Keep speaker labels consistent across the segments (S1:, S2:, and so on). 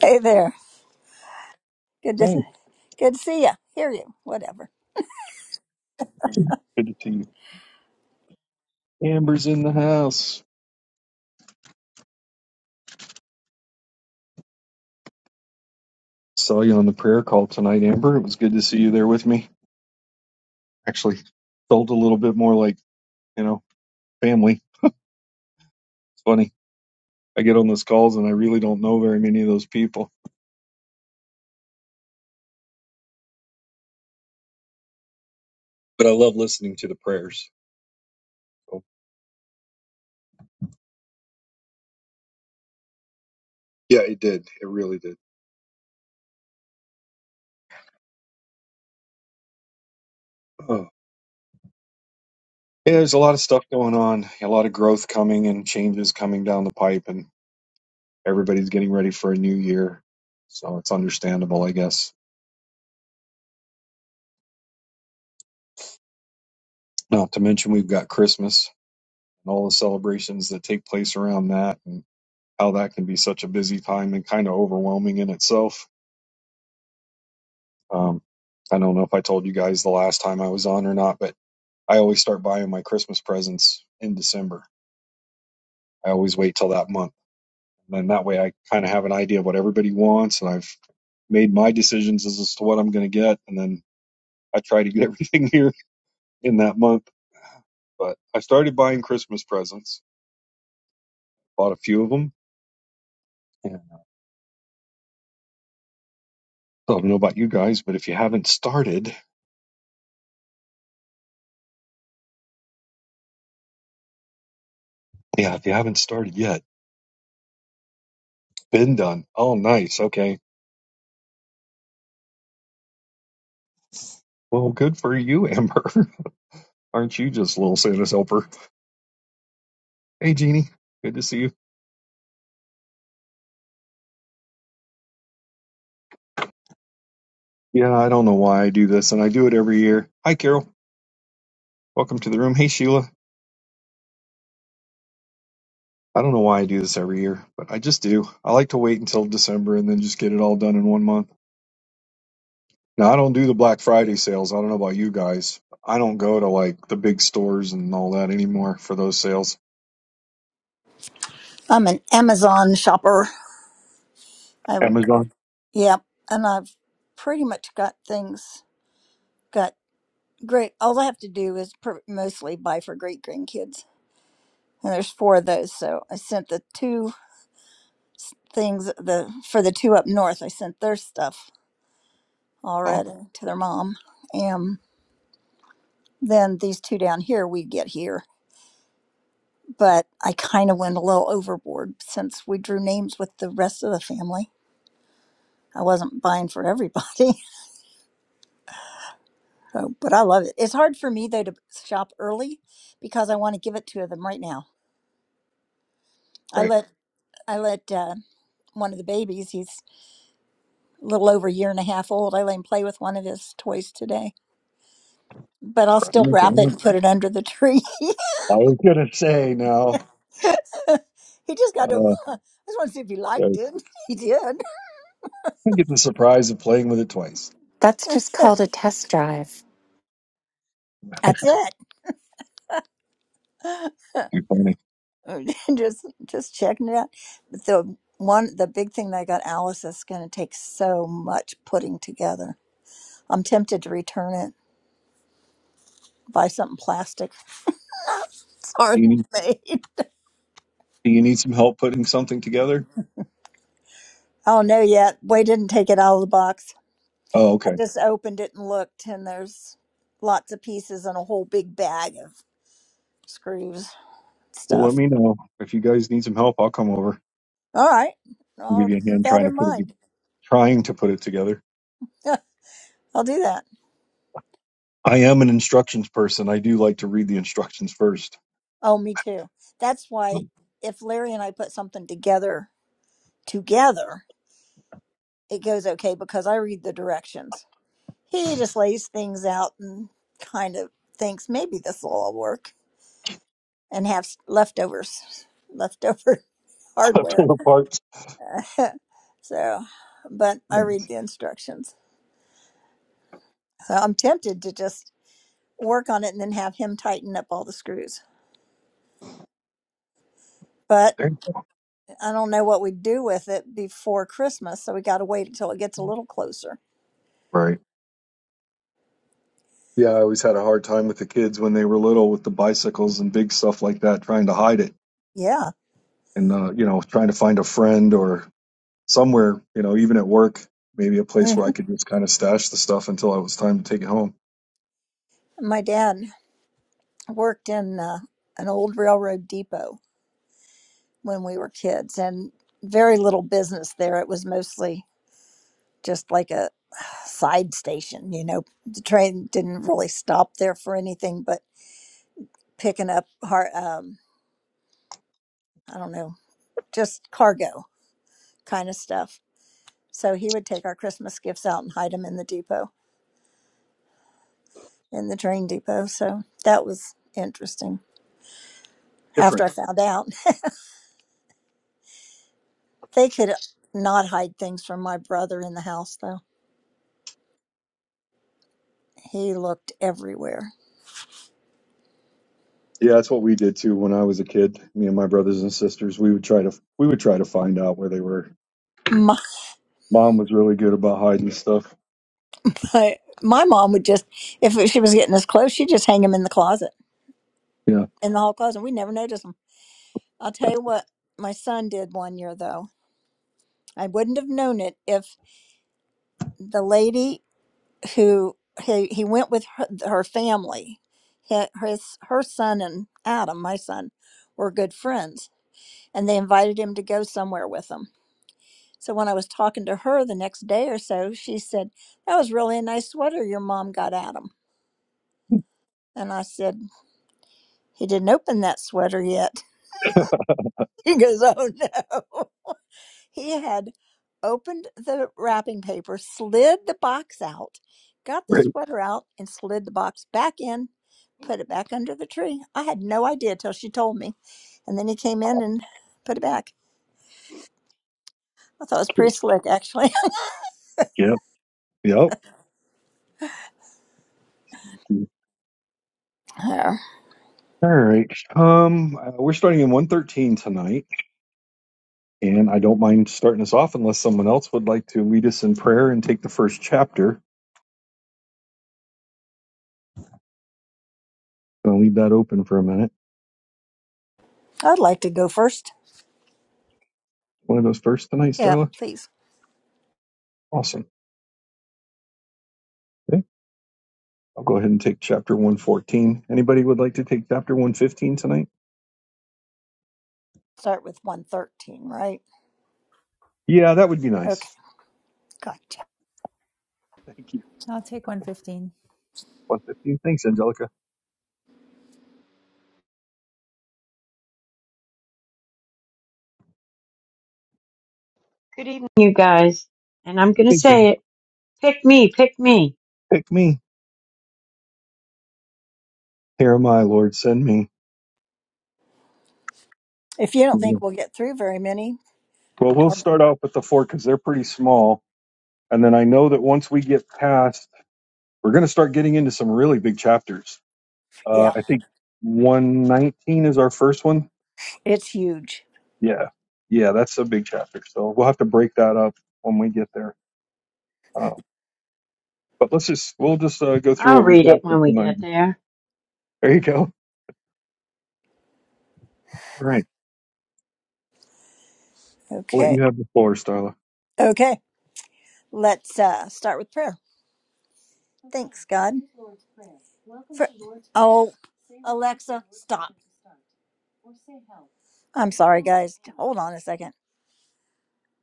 S1: Hey there. Good to
S2: Hey,
S1: good to see you. Hear you. Whatever.
S2: good to see you. Amber's in the house. Saw you on the prayer call tonight, Amber. It was good to see you there with me. Actually, felt a little bit more like, you know, family. It's funny. I get on those calls and I really don't know very many of those people. But I, yeah, there's a lot of stuff going on, a lot of growth coming and changes coming down the pipe, and everybody's getting ready for a new year. So it's understandable, I guess. Not to mention, we've got Christmas and all the celebrations that take place around that. and how that can be such a busy time and kind of overwhelming in itself. Um, I don't know if I told you guys the last time I was on or not, but I always start buying my Christmas presents in December. I always wait till that month. And then that way I kind of have an idea of what everybody wants and I've made my decisions as to what I'm going to get. And then I try to get everything here in that month. But I started buying Christmas presents, bought a few of them. And I don't know about you guys, but if you haven't started, yeah, if you haven't started yet, been done. Oh, nice. Okay Well, good for you, Amber. Aren't you just little Santa's helper? Hey, Jeannie. Good to see you. Yeah, I don't know why I do this, and I do it every year. Hi, Carol. Welcome to the room. Hey, Sheila. I don't know why I do this every year, but I just do. I like to wait until December and then just get it all done in one month. Now, I don't do the Black Friday sales. I don't know about you guys. I don't go to like the big stores and all that anymore for those sales.
S1: I'm an Amazon shopper. I
S2: Amazon.
S1: yep, and I've pretty much got things got great. All I have to do is pr- mostly buy for great grandkids, and there's four of those. So I sent the two things the for the two up north. I sent their stuff
S2: Oh,
S1: already to their mom, and then these two down here we get here. But I kind of went a little overboard since we drew names with the rest of the family I wasn't buying for everybody, so, but I love it. It's hard for me though to shop early because I want to give it to them right now. I
S2: right.
S1: let I let uh, one of the babies. He's a little over a year and a half old. I let him play with one of his toys today, but I'll
S2: Crap.
S1: still wrap it
S2: Amazon.
S1: and put it under the tree.
S2: I was going to say now.
S1: he just got to.
S2: Uh,
S1: I just want to see if he liked
S2: I
S1: it. He did.
S2: get the surprise of playing with it twice.
S3: That's just called a test drive.
S1: That's it.
S2: You funny.
S1: uh, just just checking it out. But the one the big thing that I got Alice is going to take so much putting together. I'm tempted to return it, buy something plastic. It's
S2: Do You
S1: already
S2: need,
S1: made.
S2: do you need some help putting something together?
S1: I don't know yet. Way didn't take it out of the box.
S2: Oh,
S1: I
S2: okay.
S1: just opened it and looked, and there's lots of pieces and a whole big bag of screws
S2: Well, let
S1: stuff.
S2: me know if you guys need some help. I'll come over
S1: All right,
S2: and give
S1: I'll
S2: you a
S1: keep
S2: hand
S1: that
S2: trying to
S1: in
S2: put it
S1: mind.
S2: trying to put it together.
S1: I'll do that.
S2: I am an instructions person. I do like to read the instructions first.
S1: Oh, me too. That's why
S2: Pull
S1: if Larry and I put something together together it goes okay because I read the directions. He just lays things out and kind of thinks maybe this will all work and have s- leftovers, leftover hardware.
S2: the parts.
S1: Uh, so, but I read the instructions. So I'm tempted to just work on it and then have him tighten up all the screws. But I don't know what we do with it before Christmas. So we got to wait until it gets a little closer.
S2: Right. Yeah, I always had a hard time with the kids when they were little with the bicycles and big stuff like that, trying to hide it
S1: Yeah.
S2: and uh, you know trying to find a friend or somewhere, you know, even at work, maybe a place
S1: Mhm.
S2: where I could just kind of stash the stuff until it was time to take it home.
S1: My dad worked in uh, an old railroad depot when we were kids and very little business there. It was mostly just like a side station, you know. The train didn't really stop there for anything but picking up har um, I don't know, just cargo kind of stuff. So he would take our Christmas gifts out and hide them in the depot, in the train depot. So that was interesting.
S2: Different.
S1: After I found out, they could not hide things from my brother in the house though. He looked everywhere.
S2: Yeah, that's what we did too when I was a kid. Me and my brothers and sisters, we would try to we would try to find out where they were. Mom was really good about hiding stuff.
S1: I, my mom would just, if she was getting this close, she'd just hang them in the closet,
S2: Yeah.
S1: in the hall closet. and We never noticed them. I'll tell you what my son did one year, though. I wouldn't have known it if the lady who he, he went with her, her family, he- his, her son and Adam, my son, were good friends, and they invited him to go somewhere with them. So when I was talking to her the next day or so, she said, That was really a nice sweater your mom got Adam. And I said, He didn't open that sweater yet. He goes, Oh no. He had opened the wrapping paper, slid the box out, got the
S2: Right.
S1: sweater out, and slid the box back in, put it back under the tree. I had no idea till she told me. And then he came in and put it back. I thought it was pretty slick, actually.
S2: Yep. Yep.
S1: Uh,
S2: All right. Um, uh, we're starting in 113 tonight, and I don't mind starting us off unless someone else would like to lead us in prayer and take the first chapter. I'll leave that open for a minute.
S1: I'd like to go first.
S2: One of those first tonight,
S1: Yeah,
S2: Starla.
S1: please.
S2: Awesome. Okay. I'll go ahead and take chapter 114. Anybody would like to take chapter 115 tonight?
S1: Start with 113, right?
S2: Yeah, that would be
S1: Okay,
S2: nice.
S1: gotcha.
S2: Thank you.
S4: I'll take 115.
S2: 115. Thanks, Angelica.
S5: Good evening, you guys. And I'm going to
S2: Hey, Jen.
S5: say it pick me, pick me.
S2: Pick me. Here am I, Lord, send me.
S1: If you don't
S2: Amen.
S1: think we'll get through very many,
S2: Well, we'll start out with the four because they're pretty small. And then I know that once we get past, we're going to start getting into some really big chapters. Uh,
S1: yeah,
S2: I think 119 is our first one.
S1: it's huge.
S2: Yeah. Yeah, that's a big chapter. So we'll have to break that up when we get there. Um, but let's just, we'll just uh, go through
S5: I'll
S2: what we've
S5: read
S2: got
S5: it
S2: for
S5: when we
S2: tonight.
S5: get there.
S2: There you go. All right. I'll let
S1: Okay,
S2: you have the floor, Starla.
S1: okay. Let's uh, start with prayer. Thanks, God. For, oh, Alexa, stop. I'm sorry, guys. Hold on a second.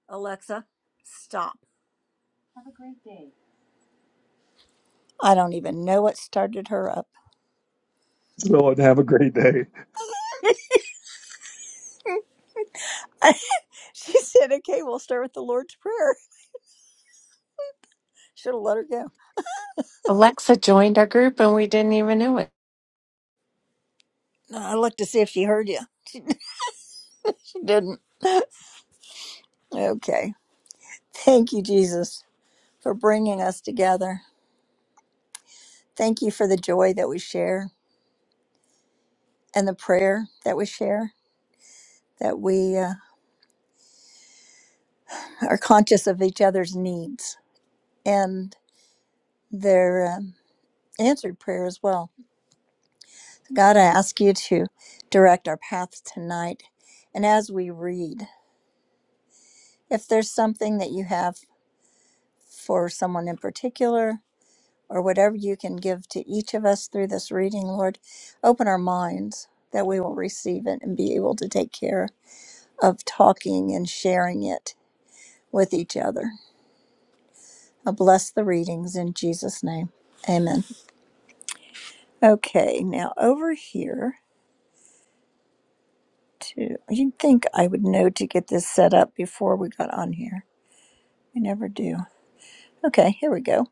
S1: Alexa, stop. I don't even know what started her up.
S2: So, and have a great day.
S1: she said, okay, we'll start with the Lord's Prayer. Should have let her go.
S3: Alexa joined our group and we didn't even know it.
S1: No, I looked to see if she heard you. She didn't. Okay. Thank you, Jesus, for bringing us together. Thank you for the joy that we share and the prayer that we share, that we uh, are conscious of each other's needs and their um, answered prayer as well. God, I ask you to direct our paths tonight. And as we read, if there's something that you have for someone in particular, or whatever you can give to each of us through this reading, Lord, open our minds that we will receive it and be able to take care of talking and sharing it with each other. I bless the readings in Jesus' name. Amen. Okay, now over here Two. You'd think I would know to get this set up before we got on here. I never do. Okay, here we go.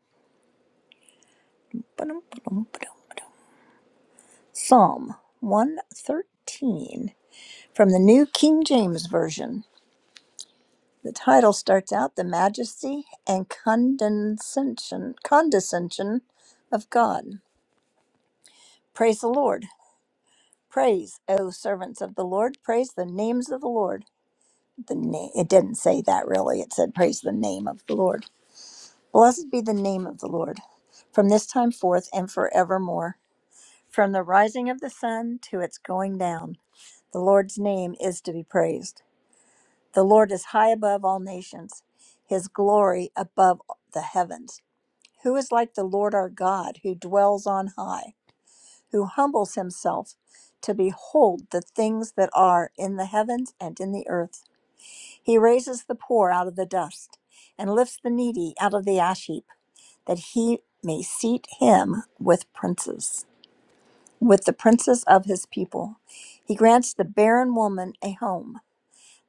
S1: Psalm 113 from the New King James Version. The title starts out The Majesty and Condescension, condescension of God. Praise the Lord. Praise, O servants of the Lord. Praise the names of the Lord. The name it didn't say that really. It said praise the name of the Lord. Blessed be the name of the Lord, from this time forth and forevermore. From the rising of the sun to its going down, the Lord's name is to be praised. The Lord is high above all nations, his glory above the heavens. Who is like the Lord our God, who dwells on high? who humbles himself to behold the things that are in the heavens and in the earth. He raises the poor out of the dust and lifts the needy out of the ash heap, that he may seat him with princes, with the princes of his people. He grants the barren woman a home,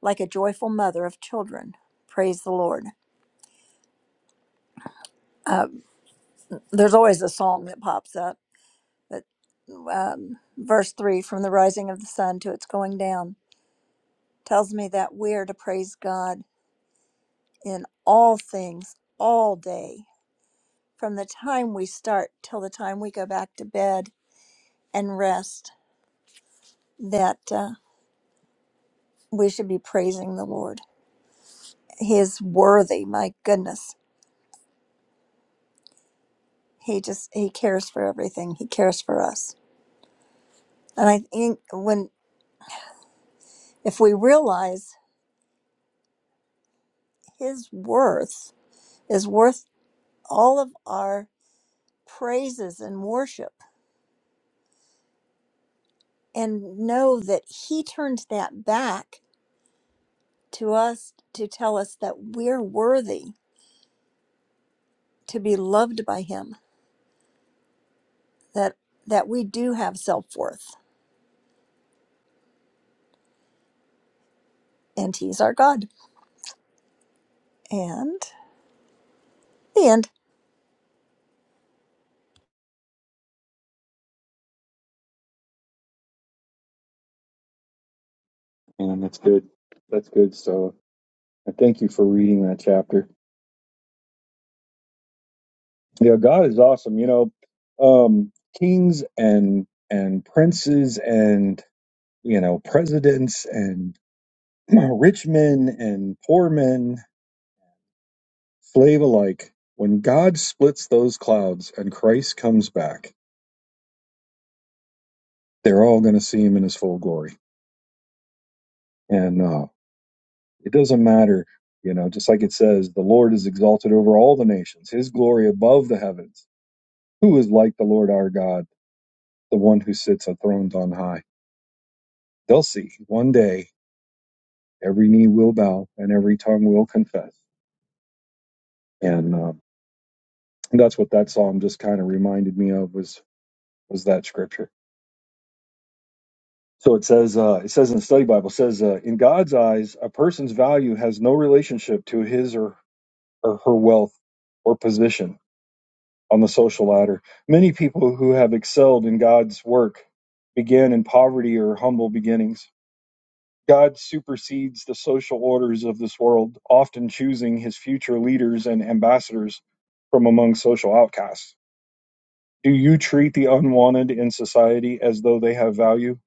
S1: like a joyful mother of children. Praise the Lord. Uh, there's always a song that pops up. but um, verse three, from the rising of the sun to its going down. tells me that we're to praise God in all things all day, from the time we start till the time we go back to bed and rest, that uh, we should be praising the Lord. He is worthy, my goodness. He just, he cares for everything, he cares for us. And I think when, if we realize his worth is worth all of our praises and worship, and know that he turns that back to us to tell us that we're worthy to be loved by him that that we do have self-worth and he's our god and the end
S2: And that's good. That's good, Starla. And thank you for reading that chapter. Yeah, God is awesome. You know, um, kings and and princes and you know presidents and rich men and poor men, slave alike. When God splits those clouds and Christ comes back, they're all going to see Him in His full glory. And uh, it doesn't matter, you know. Just like it says, the Lord is exalted over all the nations; His glory above the heavens. Who is like the Lord our God, the one who sits enthroned on high? they'll see one day every knee will bow and every tongue will confess and um, that's what that psalm just kind of reminded me of was was that scripture so it says uh, it says in the study bible it says uh, in god's eyes a person's value has no relationship to his or, or her wealth or position on the social ladder many people who have excelled in god's work began in poverty or humble beginnings God supersedes the social orders of this world, often choosing his future leaders and ambassadors from among social outcasts. Do you treat the unwanted in society as though they have value?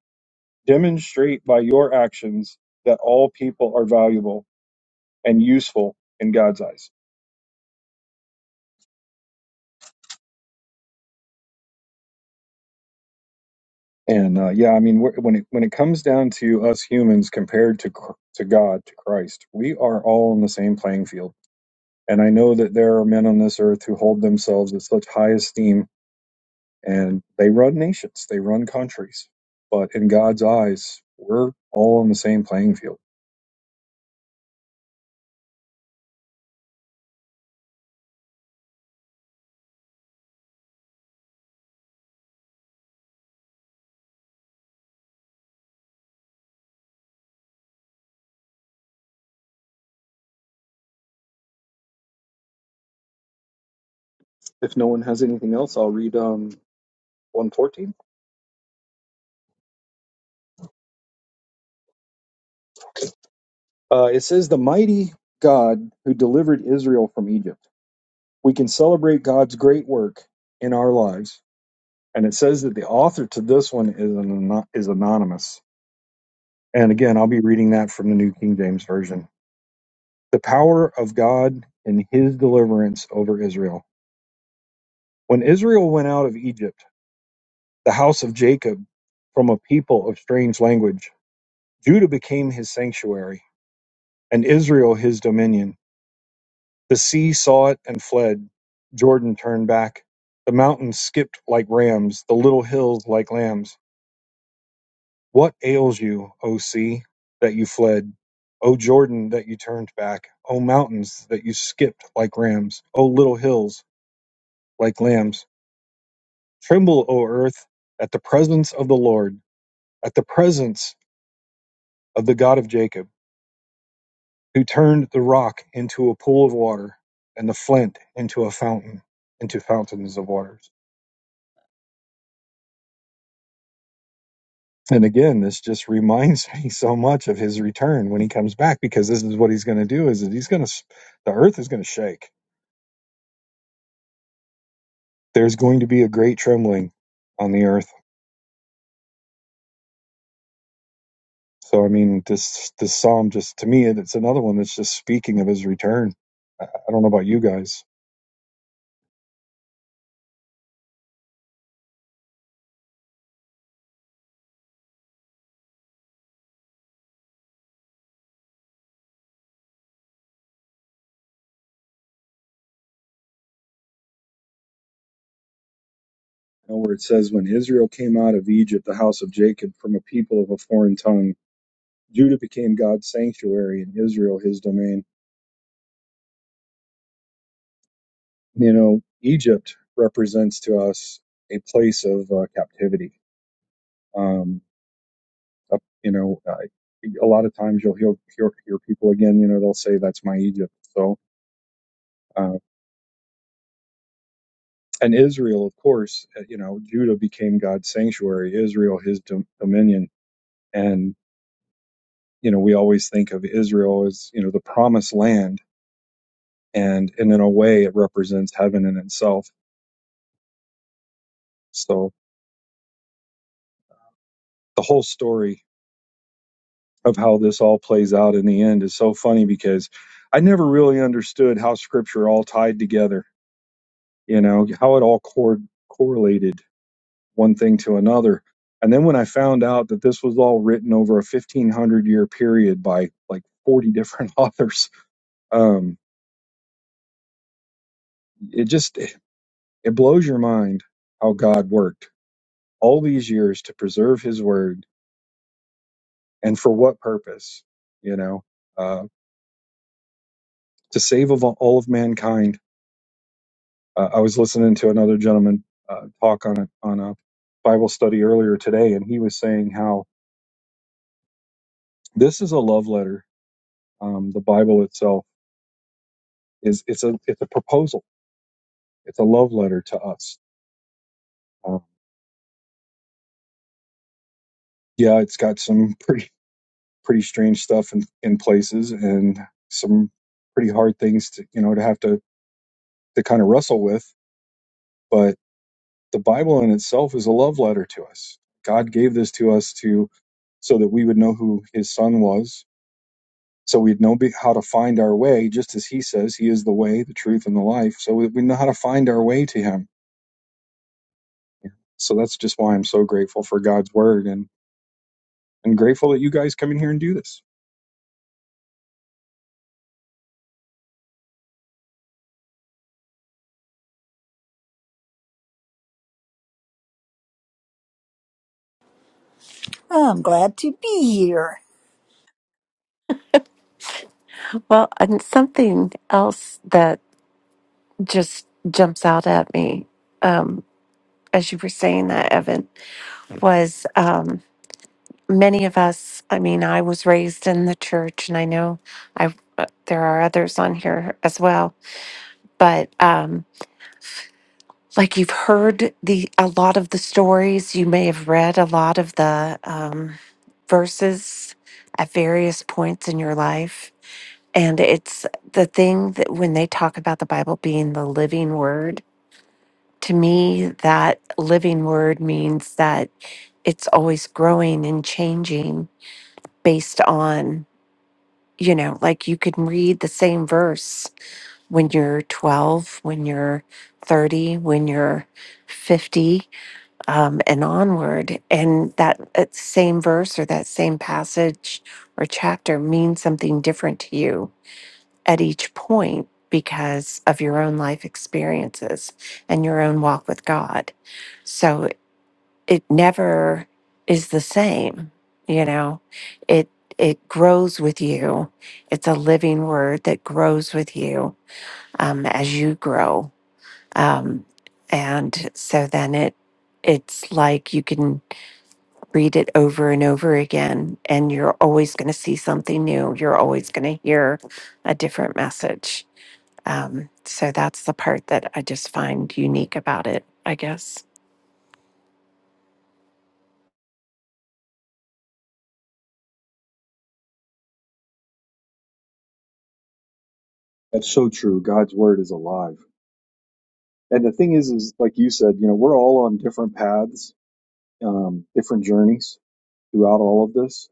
S2: Demonstrate by your actions that all people are valuable and useful in God's eyes. And uh, yeah, I mean, wh- when it when it comes down to us humans compared to Chr- to God, to Christ, we are all on the same playing field. And I know that there are men on this earth who hold themselves in such high esteem and they run nations, they run countries. But in God's eyes, we're all on the same playing field. If no one has anything else, I'll read um, 114. Uh, it says, The mighty God who delivered Israel from Egypt. We can celebrate God's great work in our lives. And it says that the author to this one is, an, is anonymous. And again, I'll be reading that from the New King James Version. The power of God in his deliverance over Israel. When Israel went out of Egypt, the house of Jacob from a people of strange language. Judah became his sanctuary, and Israel his dominion. The sea saw it and fled. Jordan turned back. The mountains skipped like rams, the little hills like lambs. What ails you, O sea, that you fled? O Jordan, that you turned back? O mountains, that you skipped like rams? O little hills, like lambs? Tremble, O earth, at the presence of the Lord, at the presence of the God of Jacob who turned the rock into a pool of water and the flint into a fountain into fountains of waters and again this just reminds me so much of his return when he comes back because this is what he's going to do is that he's going to the earth is going to shake there's going to be a great trembling on the earth so i mean this this psalm just to me it's another one that's just speaking of his return i, I don't know about you guys You know, where it says when israel came out of egypt the house of jacob from a people of a foreign tongue Judah became God's sanctuary and Israel his domain. You know, Egypt represents to us a place of uh, captivity. Um, uh, you know, uh, a lot of times you'll hear, hear, hear people again, you know, they'll say, that's my Egypt. So, uh, and Israel, of course, uh, you know, Judah became God's sanctuary, Israel his dom- dominion. And, you know, we always think of Israel as, you know, the promised land. And, and in a way, it represents heaven in itself. So, the whole story of how this all plays out in the end is so funny because I never really understood how scripture all tied together, you know, how it all cor- correlated one thing to another. And then when I found out that this was all written over a 1500 year period by like 40 different authors, um, it just, it blows your mind how God worked all these years to preserve his word and for what purpose, you know, uh, to save of all of mankind Uh, I was listening to another gentleman uh, talk on a, on a Bible study earlier today, and he was saying how this is a love letter. Um, the Bible itself is it's a it's a proposal. It's a love letter to us. Um, yeah, it's got some pretty pretty strange stuff in, in places, and some pretty hard things to you know to have to to kind of wrestle with. But the Bible in itself is a love letter to us. God gave this to us to so that we would know who His Son was So we'd know how to find our way, just as he says he is the way, the truth, and the life. So we we know how to find our way to him. So that's just why I'm so grateful for God's word and, and grateful that you guys come in here and do this.
S1: I'm glad to be here.
S3: Well, and something else that just jumps out at me um, as you were saying that, Evan, was um, many of us. I mean, I was raised in the church, and I know I uh, there are others on here as well, but. Um, like you've heard the a lot of the stories you may have read a lot of the um, verses at various points in your life and it's the thing that when they talk about the bible being the living word to me that living word means that it's always growing and changing based on you know like you can read the same verse when you're 12 when you're 30 when you're 50 um, and onward. And that uh, same verse or that same passage or chapter means something different to you at each point because of your own life experiences and your own walk with God. So it never is the same, you know. It it grows with you. It's a living word that grows with you um, as you grow. Um, and so then it it's like you can read it over and over again, and you're always going to see something new. You're always going to hear a different message. Um, so that's the part that I just find unique about it, I guess.
S2: That's so true. God's word is alive. And the thing is, is like you said, you know, we're all on different paths, um, different journeys throughout all of this.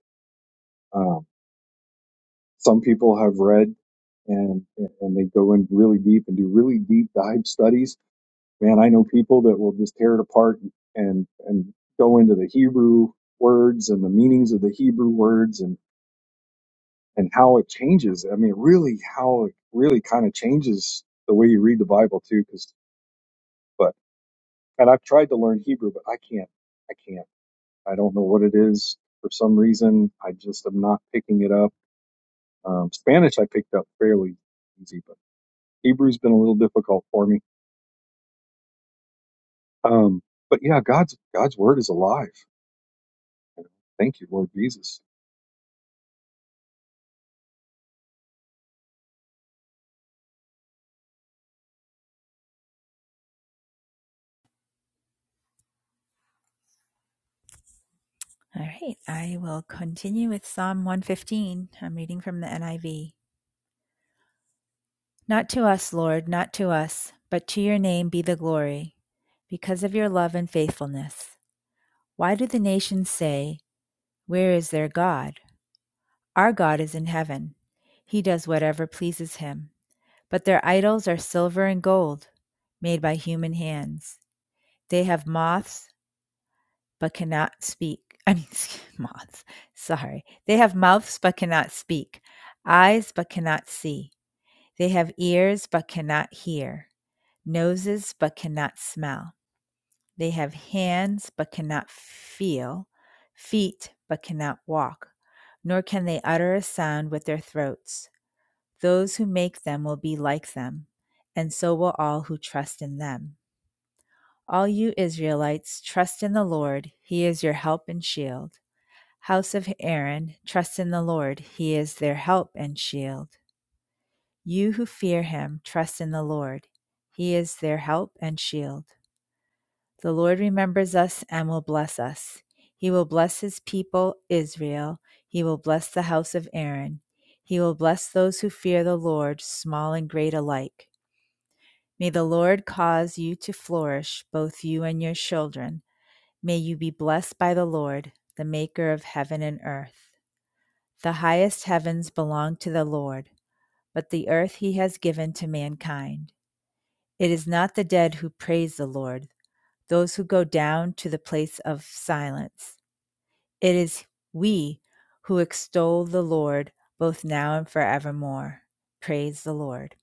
S2: Um, some people have read and, and they go in really deep and do really deep dive studies man, I know people that will just tear it apart and and go into the Hebrew words and the meanings of the Hebrew words and and how it changes. I mean, really, how it really kind of changes the way you read the Bible too. Because but and I've tried to learn Hebrew, but I can't. I can't. I don't know what it is for some reason. I just am not picking it up. Um, Spanish I picked up fairly easy, but Hebrew's been a little difficult for me. Um, but yeah, God's God's word is alive. Thank you, Lord Jesus
S4: All right, I will continue with Psalm 115. I'm reading from the NIV. Not to us, Lord, not to us, but to your name be the glory, because of your love and faithfulness. Why do the nations say, Where is their God? Our God is in heaven. He does whatever pleases him. But their idols are silver and gold, made by human hands. They have moths but cannot speak. I mean, moths, sorry. They have mouths, but cannot speak, eyes, but cannot see. They have ears, but cannot hear, noses, but cannot smell. They have hands, but cannot feel, feet, but cannot walk, nor can they utter a sound with their throats. Those who make them will be like them, and so will all who trust in them. All you Israelites, trust in the Lord. He is your help and shield. House of Aaron, trust in the Lord. He is their help and shield. You who fear him, trust in the Lord. He is their help and shield. The Lord remembers us and will bless us. He will bless his people, Israel. He will bless the house of Aaron. He will bless those who fear the Lord, small and great alike. May the Lord cause you to flourish, both you and your children. May you be blessed by the Lord, the maker of heaven and earth. The highest heavens belong to the Lord, but the earth he has given to mankind. It is not the dead who praise the Lord, those who go down to the place of silence. It is we who extol the Lord both now and forevermore. Praise the Lord.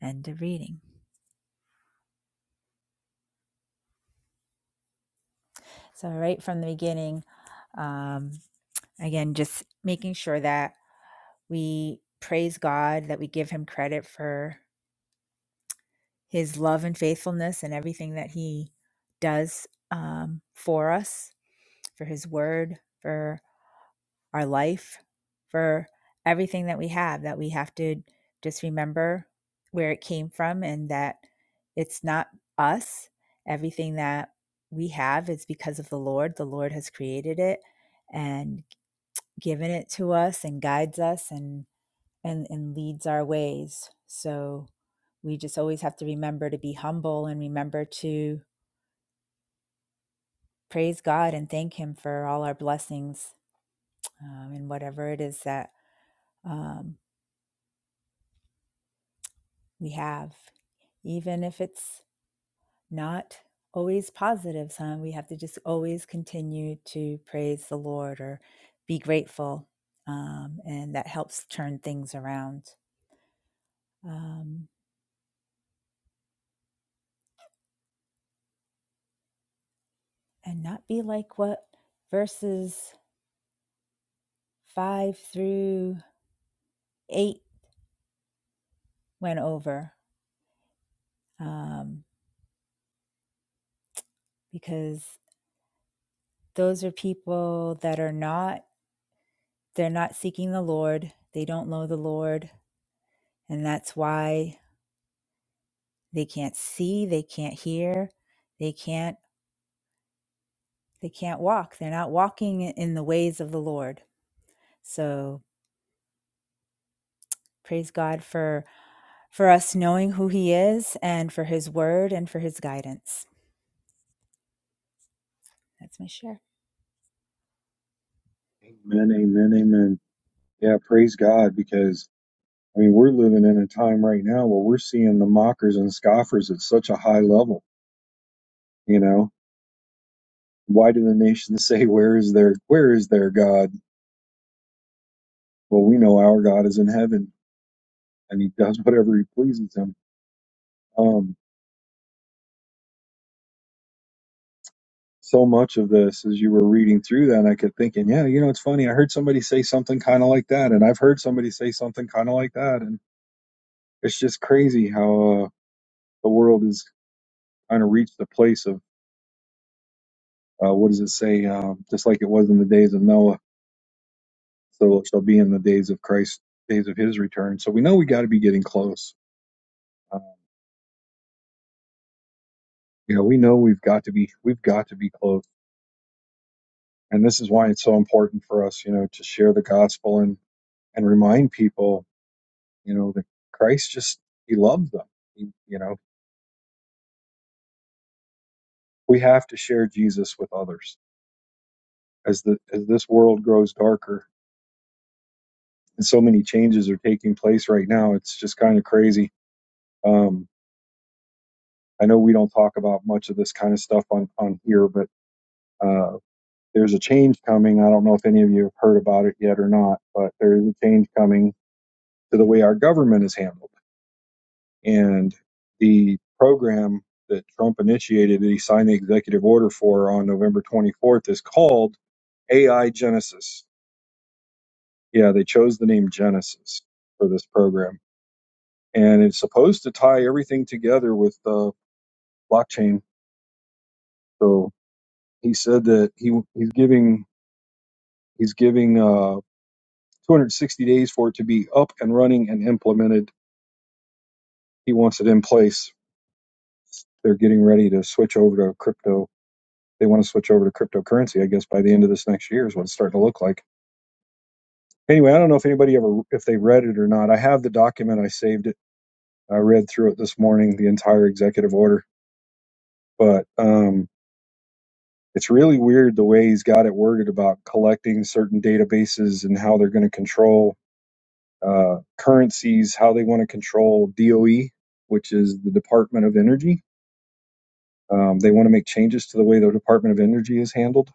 S4: End of reading. So, right from the beginning, um, again, just making sure that we praise God, that we give him credit for his love and faithfulness and everything that he does um, for us, for his word, for our life, for everything that we have, that we have to just remember where it came from and that it's not us. Everything that we have is because of the Lord. The Lord has created it and given it to us and guides us and and, and leads our ways. So we just always have to remember to be humble and remember to praise God and thank Him for all our blessings um, and whatever it is that um, we have, even if it's not always positive. Huh? We have to just always continue to praise the Lord or be grateful, um, and that helps turn things around um, and not be like what verses five through eight went over. Um, because those are people that are not they're not seeking the Lord. They don't know the Lord, and that's why they can't see, they can't hear, they can't they can't walk. They're not walking in the ways of the Lord. So, praise God for for us knowing who he is and for his word and for his guidance. That's my share.
S2: Amen, amen, amen. Yeah, praise God, because I mean we're living in a time right now where we're seeing the mockers and scoffers at such a high level. You know, why do the nations say, "Where is their Where is their God?" Well, we know our God is in heaven, and He does whatever He pleases Him. Um, so much of this, as you were reading through that, I kept thinking, yeah, you know, it's funny. I heard somebody say something kind of like that, and I've heard somebody say something kind of like that, and it's just crazy how uh, the world has kind of reached a place of Uh, what does it say? Um, just like it was in the days of Noah, so it shall be in the days of Christ, days of His return. So we know we got to be getting close. Uh, you know, we know we've got to be, we've got to be close, and this is why it's so important for us, you know, to share the gospel and and remind people, you know, that Christ just He loves them. He, you know, we have to share Jesus with others as the as this world grows darker and so many changes are taking place right now. It's just kind of crazy. Um, I know we don't talk about much of this kind of stuff on, on here, but uh, there's a change coming. I don't know if any of you have heard about it yet or not, but there is a change coming to the way our government is handled. And the program that Trump initiated, that he signed the executive order for on November 24th, is called AI Genesis. Yeah, they chose the name Genesis for this program. And it's supposed to tie everything together with the blockchain. So he said that he he's giving He's giving uh, 260 days for it to be up and running and implemented. He wants it in place. They're getting ready to switch over to crypto. They want to switch over to cryptocurrency, I guess, by the end of this next year is what it's starting to look like. Anyway, I don't know if anybody ever if they read it or not. I have the document. I saved it. I read through it this morning, the entire executive order. But um, it's really weird the way he's got it worded about collecting certain databases and how they're going to control uh, currencies, how they want to control DOE, which is the Department of Energy. Um, they want to make changes to the way the Department of Energy is handled.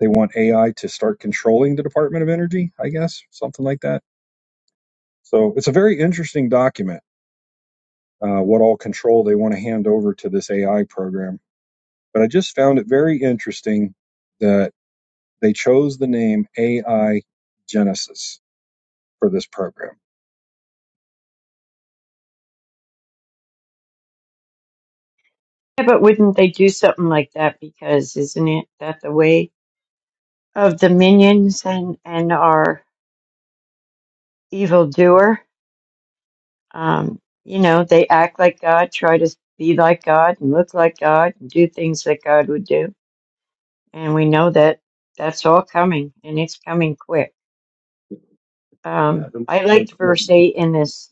S2: They want AI to start controlling the Department of Energy, I guess, something like that. So it's a very interesting document, uh, what all control they want to hand over to this AI program. But I just found it very interesting that they chose the name AI Genesis for this program
S5: Yeah, but wouldn't they do something like that? Because isn't it that the way of the minions and, and our evildoer? Um, you know, they act like God, try to be like God, and look like God, and do things that God would do. And we know that that's all coming, and it's coming quick. Um, I liked verse 8 in this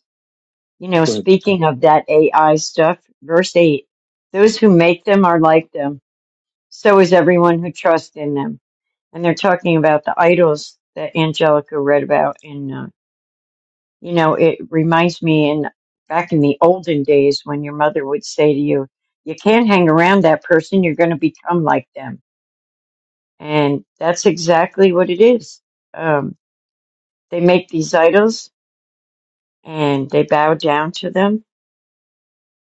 S5: You know, speaking of that AI stuff, verse 8 those who make them are like them, so is everyone who trusts in them. And they're talking about the idols that Angelica read about. And, uh, you know, it reminds me in back in the olden days when your mother would say to you, you can't hang around that person, you're going to become like them. And that's exactly what it is. Um, they make these idols and they bow down to them,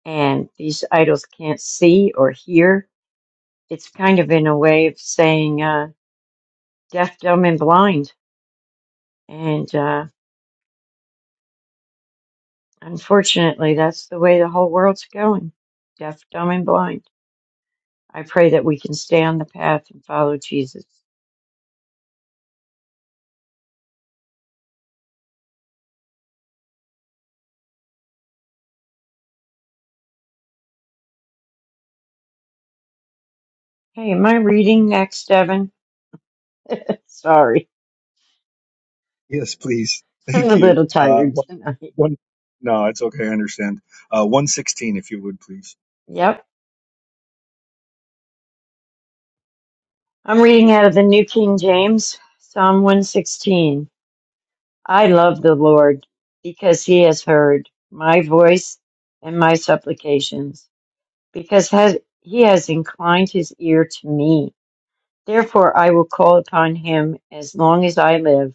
S5: and these idols can't see or hear it's kind of in a way of saying uh, deaf, dumb, and blind. And uh, unfortunately, that's the way the whole world's going deaf, dumb, and blind. I pray that we can stay on the path and follow Jesus. Hey, am I reading next, Evan? Sorry,
S2: Yes, please.
S5: I'm
S2: Thank
S5: a
S2: you.
S5: little
S2: Uh,
S5: tired
S2: one,
S5: tonight.
S2: one, no, it's okay. I understand. Uh, 116, if you would, please.
S5: Yep, I'm reading out of the New King James, Psalm 116. I love the Lord because he has heard my voice and my supplications. because has, he has inclined his ear to me. Therefore I will call upon him as long as I live.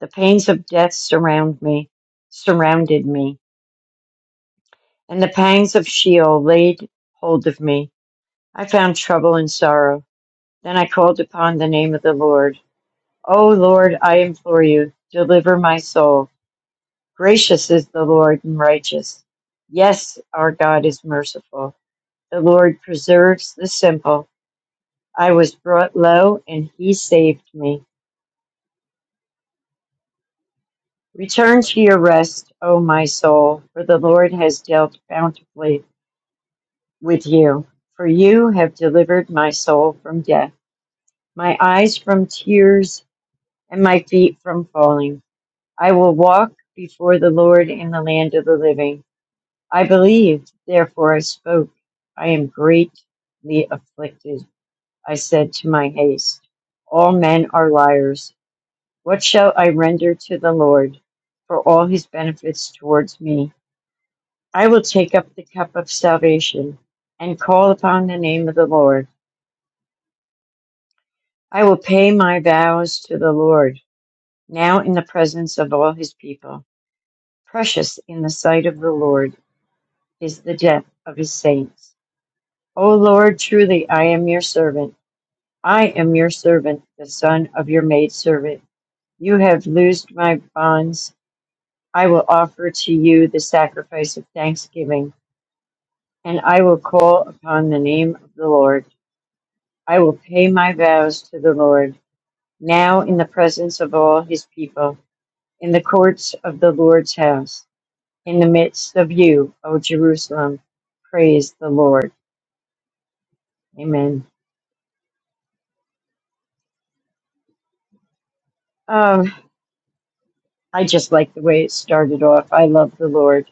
S5: The pains of death surround me, surrounded me, and the pangs of Sheol laid hold of me. I found trouble and sorrow. Then I called upon the name of the Lord. O Lord, I implore you, deliver my soul. Gracious is the Lord and righteous. Yes, our God is merciful. The Lord preserves the simple I was brought low, and he saved me. Return to your rest, O my soul, for the Lord has dealt bountifully with you. For you have delivered my soul from death, my eyes from tears, and my feet from falling. I will walk before the Lord in the land of the living. I believed, therefore I spoke. I am greatly afflicted. I said to my haste, All men are liars. What shall I render to the Lord for all his benefits towards me? I will take up the cup of salvation and call upon the name of the Lord. I will pay my vows to the Lord now in the presence of all his people. Precious in the sight of the Lord is the death of his saints. O Lord, truly I am your servant. I am your servant, the son of your maidservant. You have loosed my bonds I will offer to you the sacrifice of thanksgiving, and I will call upon the name of the Lord. I will pay my vows to the Lord, now in the presence of all his people, in the courts of the Lord's house, in the midst of you, O Jerusalem. Praise the Lord. Amen. Um, I just like the way it started off. I love the Lord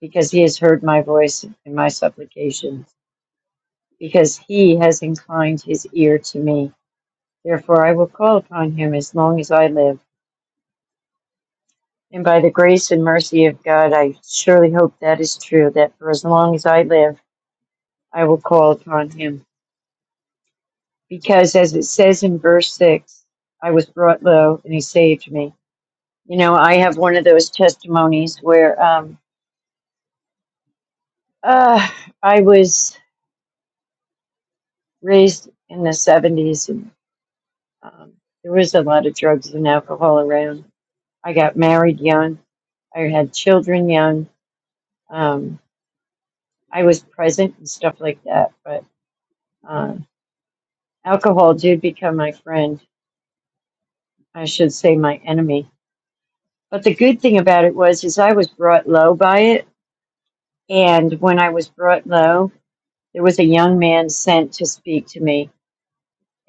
S5: because he has heard my voice and my supplications, because he has inclined his ear to me. Therefore I will call upon him as long as I live. And by the grace and mercy of God, I surely hope that is true, that for as long as I live, I will call upon him. Because as it says in verse 6, I was brought low and he saved me. You know, I have one of those testimonies where um, uh, I was raised in the 70s and um, there was a lot of drugs and alcohol around. I got married young. I had children young. Um, I was present and stuff like that. But uh, alcohol did become my friend. I should say my enemy. But the good thing about it was, is I was brought low by it. And when I was brought low, there was a young man sent to speak to me,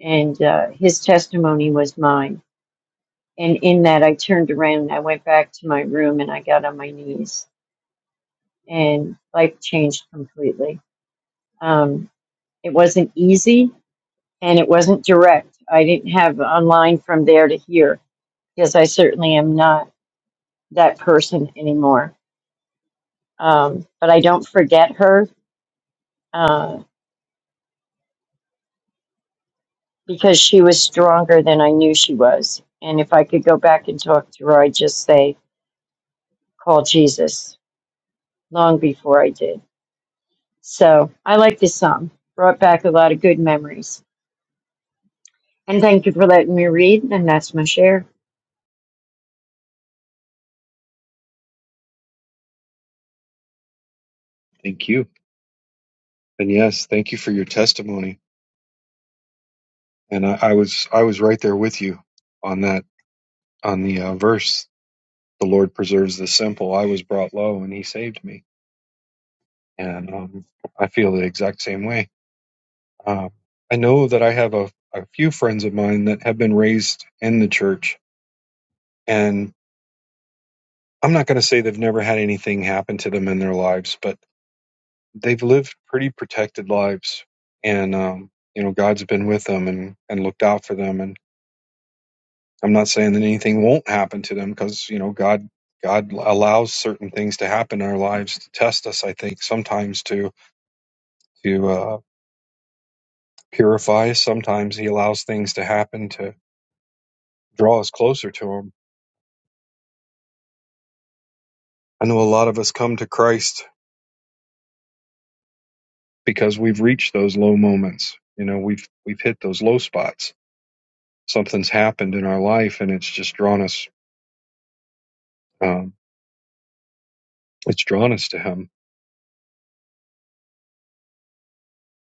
S5: and uh, his testimony was mine. And in that, I turned around and I went back to my room and I got on my knees, and life changed completely. Um, it wasn't easy and it wasn't direct. I didn't have online from there to here because I certainly am not that person anymore. Um, but I don't forget her uh, because she was stronger than I knew she was. And if I could go back and talk to her, I'd just say, call Jesus long before I did. So I like this song. Brought back a lot of good memories. And thank you for letting me read, and that's my share.
S2: Thank you. And yes, thank you for your testimony. And I, I was I was right there with you on that on the uh, verse. The Lord preserves the simple. I was brought low, and He saved me. And um, I feel the exact same way. Uh, I know that I have a, a few friends of mine that have been raised in the church, and I'm not going to say they've never had anything happen to them in their lives, but they've lived pretty protected lives, and um, you know God's been with them and and looked out for them. And I'm not saying that anything won't happen to them because you know God God allows certain things to happen in our lives to test us. I think sometimes to to uh, purify. Sometimes He allows things to happen to draw us closer to Him I know a lot of us come to Christ because we've reached those low moments. You know, we've we've hit those low spots. Something's happened in our life, and it's just drawn us. Um, it's drawn us to Him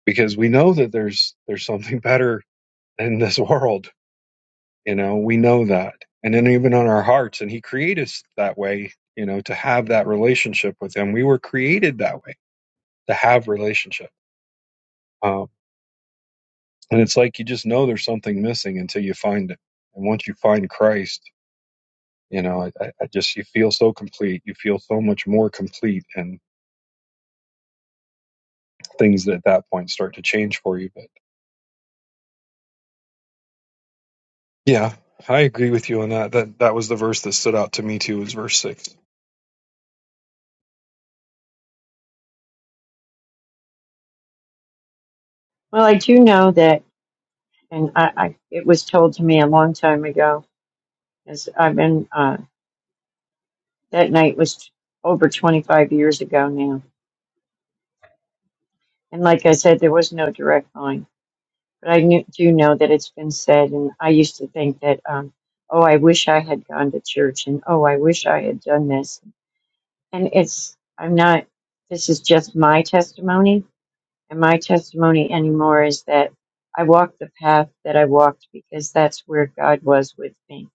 S2: because we know that there's there's something better in this world. You know, we know that, and then even on our hearts, and He created us that way. You know, to have that relationship with Him, we were created that way to have relationship. Um, and it's like you just know there's something missing until you find it, and once you find Christ You know, I, I just, you feel so complete. You feel so much more complete, and things at that point start to change for you. But yeah, I agree with you on that. That that was the verse that stood out to me too. Was verse six.
S5: Well, I do know that, and I, I, it was told to me a long time ago As I've been, uh, that night was over 25 years ago now. And like I said, there was no direct line. But I knew, do know that it's been said, and I used to think that, um, oh, I wish I had gone to church, and oh, I wish I had done this. And it's, I'm not, this is just my testimony. And my testimony anymore is that I walked the path that I walked because that's where God was with me.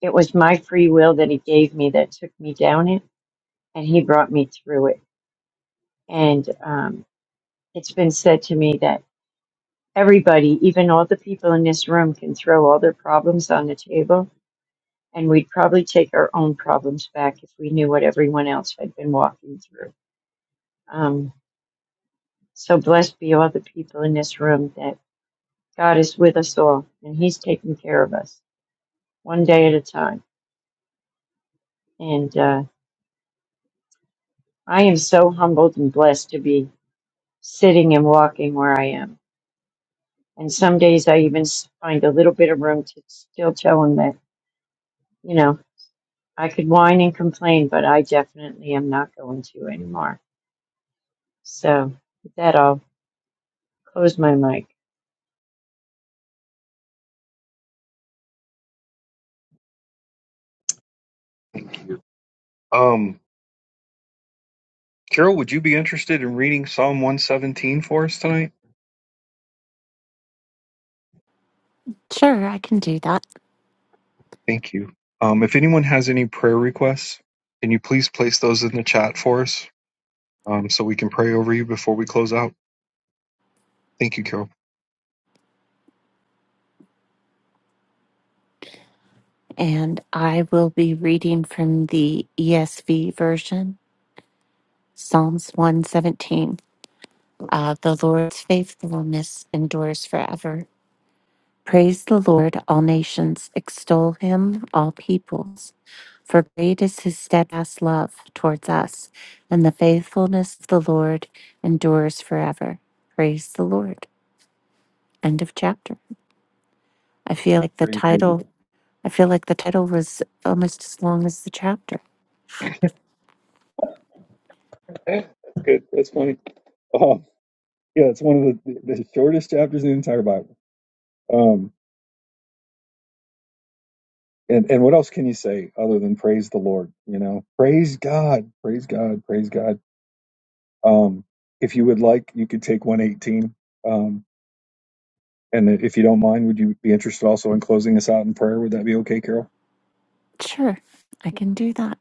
S5: It was my free will that He gave me that took me down it, and He brought me through it And um, it's been said to me that everybody, even all the people in this room, can throw all their problems on the table. And we'd probably take our own problems back if we knew what everyone else had been walking through. Um, so blessed be all the people in this room that God is with us all and He's taking care of us one day at a time. And uh, I am so humbled and blessed to be sitting and walking where I am. And some days I even s- find a little bit of room to still tell Him that you know I could whine and complain, but I definitely am not going to anymore. So, with that, I'll close my mic.
S2: Thank you. Um, Carol, would you be interested in reading Psalm one seventeen for us tonight?
S3: Sure, I can do that.
S2: Thank you. Um, if anyone has any prayer requests, can you please place those in the chat for us, um, so we can pray over you before we close out. Thank you, Carol.
S3: And I will be reading from the ESV version, Psalms 117. Uh, the Lord's faithfulness endures forever. Praise the Lord, all nations. Extol him, all peoples. For great is his steadfast love towards us, and the faithfulness of the Lord endures forever. Praise the Lord. End of chapter. I feel like the
S2: Praise God.
S3: title I feel like the title was almost as long as the chapter.
S2: Eh, That's good. That's funny. Um, yeah, it's one of the, the shortest chapters in the entire Bible. Um, and and what else can you say other than praise the Lord? You know, praise God, praise God, praise God. Um, if you would like, you could take one eighteen. Um, and if you don't mind, would you be interested also in closing us out in prayer? Would that be okay, Carol?
S3: Sure, I can do that.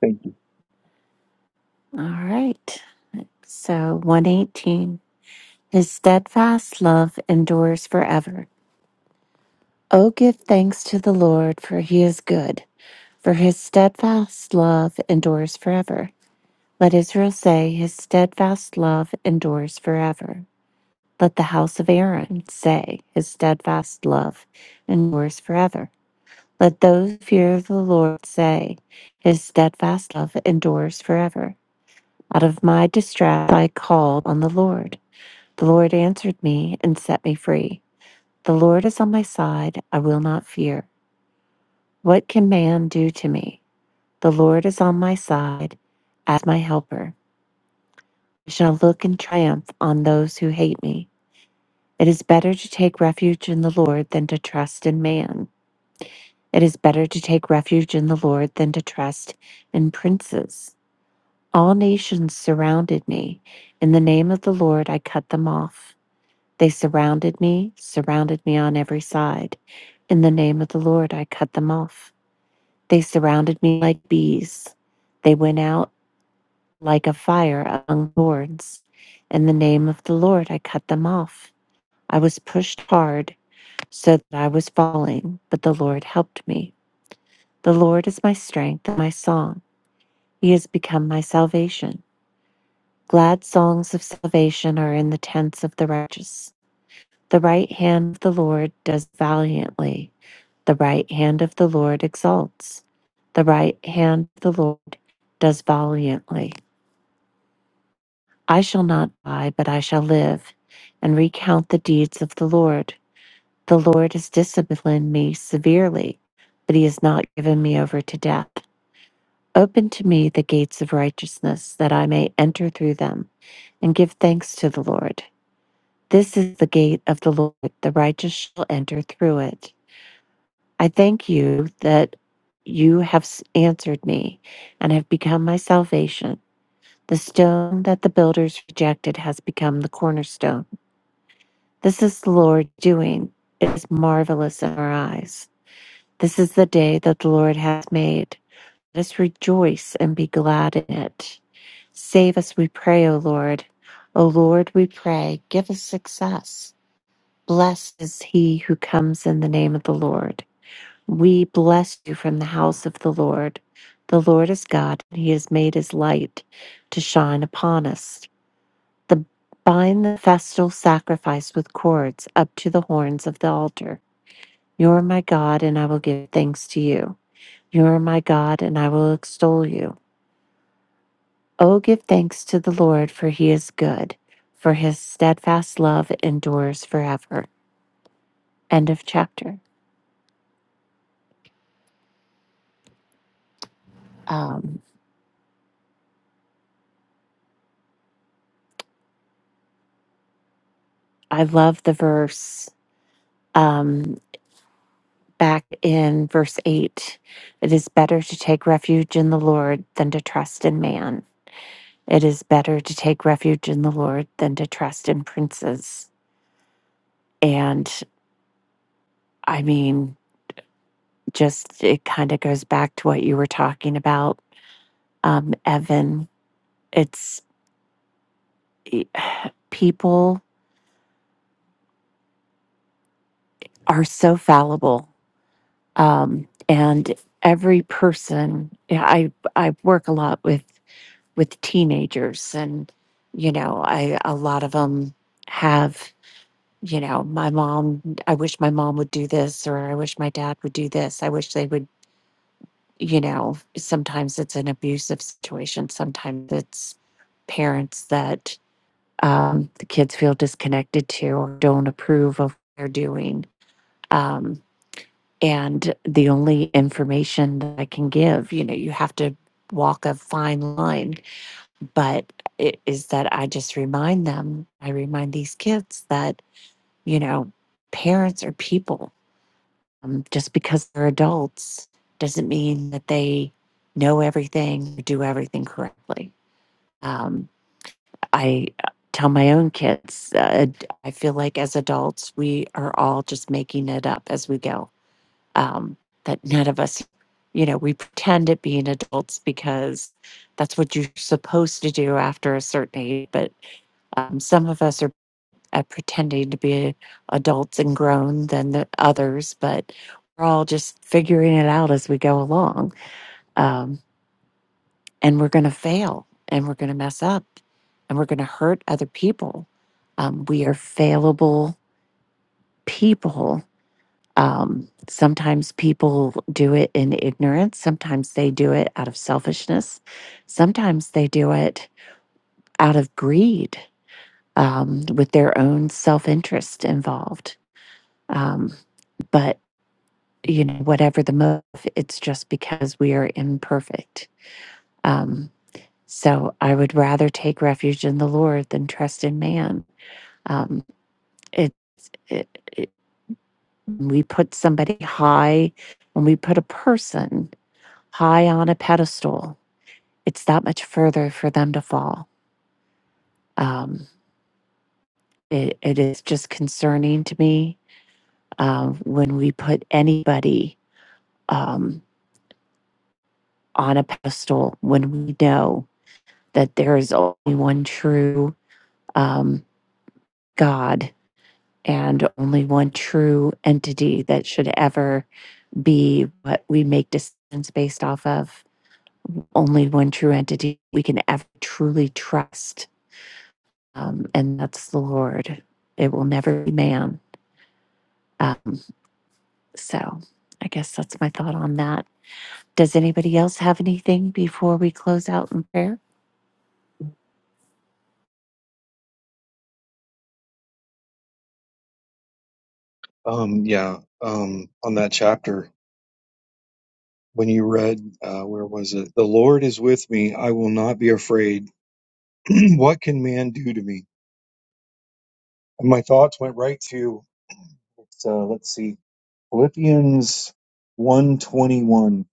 S2: Thank
S3: All right. So 118. His steadfast love endures forever. Oh give thanks to the Lord, for he is good, for his steadfast love endures forever. Let Israel say, His steadfast love endures forever. Let the house of Aaron say, His steadfast love endures forever. Let those who fear the Lord say, His steadfast love endures forever. Out of my distress I called on the Lord. The Lord answered me and set me free. The Lord is on my side, I will not fear. What can man do to me? The Lord is on my side as my helper. shall look in triumph on those who hate me. It is better to take refuge in the Lord than to trust in man. It is better to take refuge in the Lord than to trust in princes. All nations surrounded me. In the name of the Lord, I cut them off. They surrounded me, surrounded me on every side. In the name of the Lord, I cut them off. They surrounded me like bees. They went out like a fire among thorns. In the name of the Lord, I cut them off. I was pushed hard so that I was falling, but the Lord helped me. The Lord is my strength and my song. He has become my salvation. Glad songs of salvation are in the tents of the righteous. The right hand of the Lord does valiantly. The right hand of the Lord exalts. The right hand of the Lord does valiantly. I shall not die, but I shall live and recount the deeds of the Lord. The Lord has disciplined me severely, but he has not given me over to death. Open to me the gates of righteousness, that I may enter through them and give thanks to the Lord. This is the gate of the Lord, the righteous shall enter through it. I thank you that you have answered me and have become my salvation. The stone that the builders rejected has become the cornerstone. This is the Lord's doing. It is marvelous in our eyes. This is the day that the Lord hath made. Let us rejoice and be glad in it. Save us, we pray, O Lord. O Lord, we pray, give us success. Blessed is he who comes in the name of the Lord. We bless you from the house of the Lord. The Lord is God, and he has made his light to shine upon us. The, bind the festal sacrifice with cords up to the horns of the altar. You are my God, and I will give thanks to you. You are my God, and I will extol you. Oh, give thanks to the Lord, for he is good, for his steadfast love endures forever. End of chapter. Um, I love the verse um, back in verse 8. It is better to take refuge in the Lord than to trust in man. It is better to take refuge in the Lord than to trust in princes. And I mean, just it kind of goes back to what you were talking about um, Evan it's e, people are so fallible um, and every person yeah, i i work a lot with with teenagers and you know i a lot of them have you know my mom i wish my mom would do this or i wish my dad would do this i wish they would you know sometimes it's an abusive situation sometimes it's parents that um, the kids feel disconnected to or don't approve of what they're doing Um, and the only information that I can give, you know, you have to walk a fine line, but it is that I just remind them, I remind these kids that, you know, parents are people. Um, just because they're adults doesn't mean that they know everything, or do everything correctly. Um, I uh, tell my own kids, uh, I feel like as adults, we are all just making it up as we go um, that none of us, you know, we pretend at being adults because that's what you're supposed to do after a certain age. But um, some of us are uh, pretending to be adults and grown than the others, but we're all just figuring it out as we go along. Um, and we're going to fail and we're going to mess up and we're going to hurt other people. Um, we are failable people Um, sometimes people do it in ignorance. Sometimes they do it out of selfishness. Sometimes they do it out of greed um, with their own self interest involved. Um, but, you know, whatever the motive, it's just because we are imperfect. Um, so I would rather take refuge in the Lord than trust in man. Um, it, it, it, we put somebody high when we put a person high on a pedestal. It's that much further for them to fall. Um, it, it is just concerning to me um, when we put anybody um, on a pedestal when we know that there is only one true um, God and only one true entity that should ever be what we make decisions based off of. Only one true entity we can ever truly trust um, and that's the Lord. It will never be man. Um, so I guess that's my thought on that. Does anybody else have anything before we close out in prayer?
S2: you. Um, yeah. Um, on that chapter. when you read, uh, where was it? The Lord is with me. I will not be afraid. what can man do to me? And my thoughts went right to, uh, let's see, Philippians 121.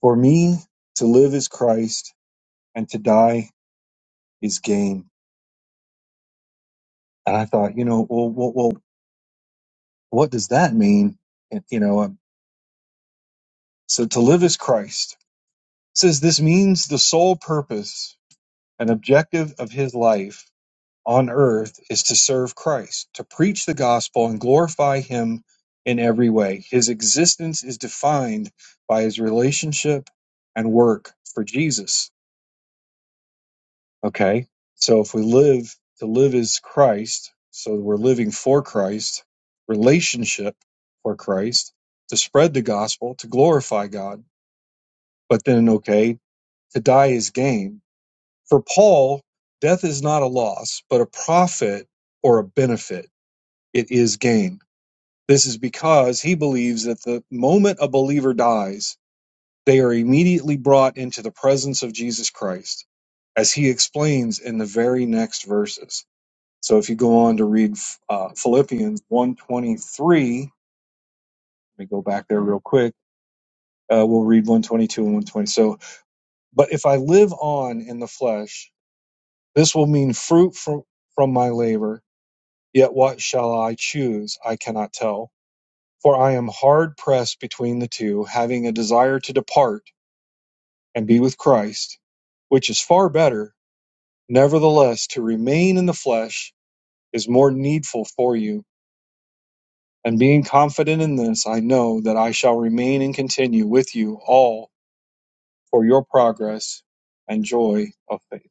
S2: For me to live is Christ and to die is gain. And I thought, you know, well, well, well what does that mean? And, you know, um, so to live is Christ. It says this means the sole purpose and objective of his life on earth is to serve Christ, to preach the gospel and glorify him in every way. His existence is defined by his relationship and work for Jesus. Okay? So if we live to live is Christ, so we're living for Christ, relationship for Christ, to spread the gospel, to glorify God. But then okay, to die is gain. For Paul, death is not a loss, but a profit or a benefit it is gain. This is because he believes that the moment a believer dies, they are immediately brought into the presence of Jesus Christ, as he explains in the very next verses. So if you go on to read uh, Philippians 1.23, let me go back there real quick. Uh, we'll read 122 and 120. So, but if I live on in the flesh, this will mean fruit from, from my labor. Yet what shall I choose? I cannot tell For I am hard pressed between the two, having a desire to depart and be with Christ, which is far better. Nevertheless, to remain in the flesh is more needful for you. And being confident in this, I know that I shall remain and continue with you all for your progress and joy of faith.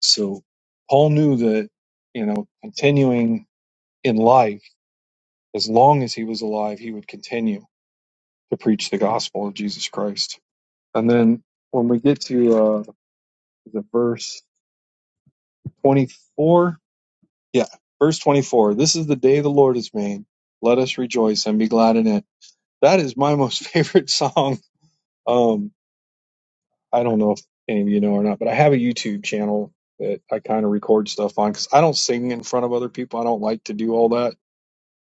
S2: So Paul knew that, you know, continuing in life, as long as he was alive, he would continue to preach the gospel of Jesus Christ. And then when we get to uh, the verse 24, yeah, verse 24, this is the day the Lord has made. Let us rejoice and be glad in it. That is my most favorite song. Um, I don't know if any of you know or not, but I have a YouTube channel that I kind of record stuff on because I don't sing in front of other people. I don't like to do all that.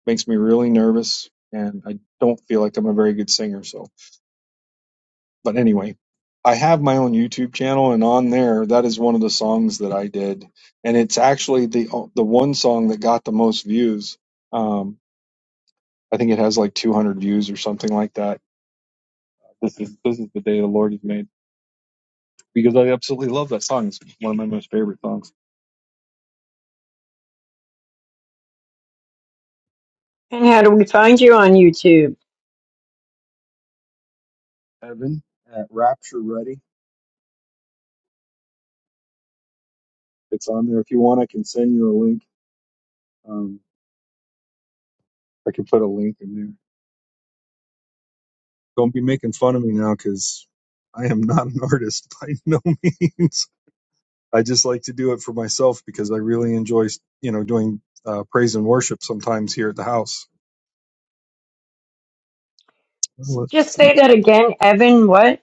S2: makes me really nervous, and I don't feel like I'm a very good singer. So But anyway, I have my own YouTube channel, and on there, that is one of the songs that I did, and it's actually the the one song that got the most views. Um, I think it has like 200 views or something like that. This is this is the day the Lord has made because I absolutely love that song. It's one of my most favorite songs.
S5: And how do we find you on YouTube?
S2: Evan at Rapture Ready. It's on there. If you want, I can send you a link. Um, I can put a link in there. Don't be making fun of me now because I am not an artist by no means. I just like to do it for myself because I really enjoy, you know, doing uh, praise and worship sometimes here at the house.
S5: S-
S2: Well,
S5: Just
S2: let's- see.
S5: say that again, Evan. What?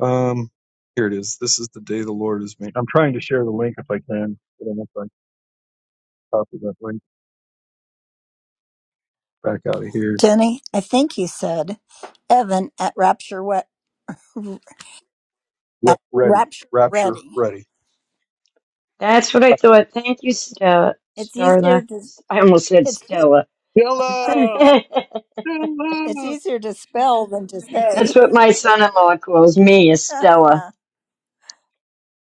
S2: Um, here it is. This is the day the Lord has made. I'm trying to share the link if I can. I don't know if I can copy that link back out of here.
S1: Jenny, I think you said Evan at Rapture Wet
S2: Re-
S1: at
S2: ready,
S1: Rapture
S2: rapture,
S1: Ready.
S2: ready.
S5: That's what I thought. Thank you, Stella.
S1: It's easier
S5: Starla.
S1: to
S5: S- I almost said
S1: it's
S5: Stella.
S2: Hello,
S5: That's
S1: it's
S2: hello.
S1: easier to spell than to say.
S5: what my son in law calls me, is Stella.
S1: That's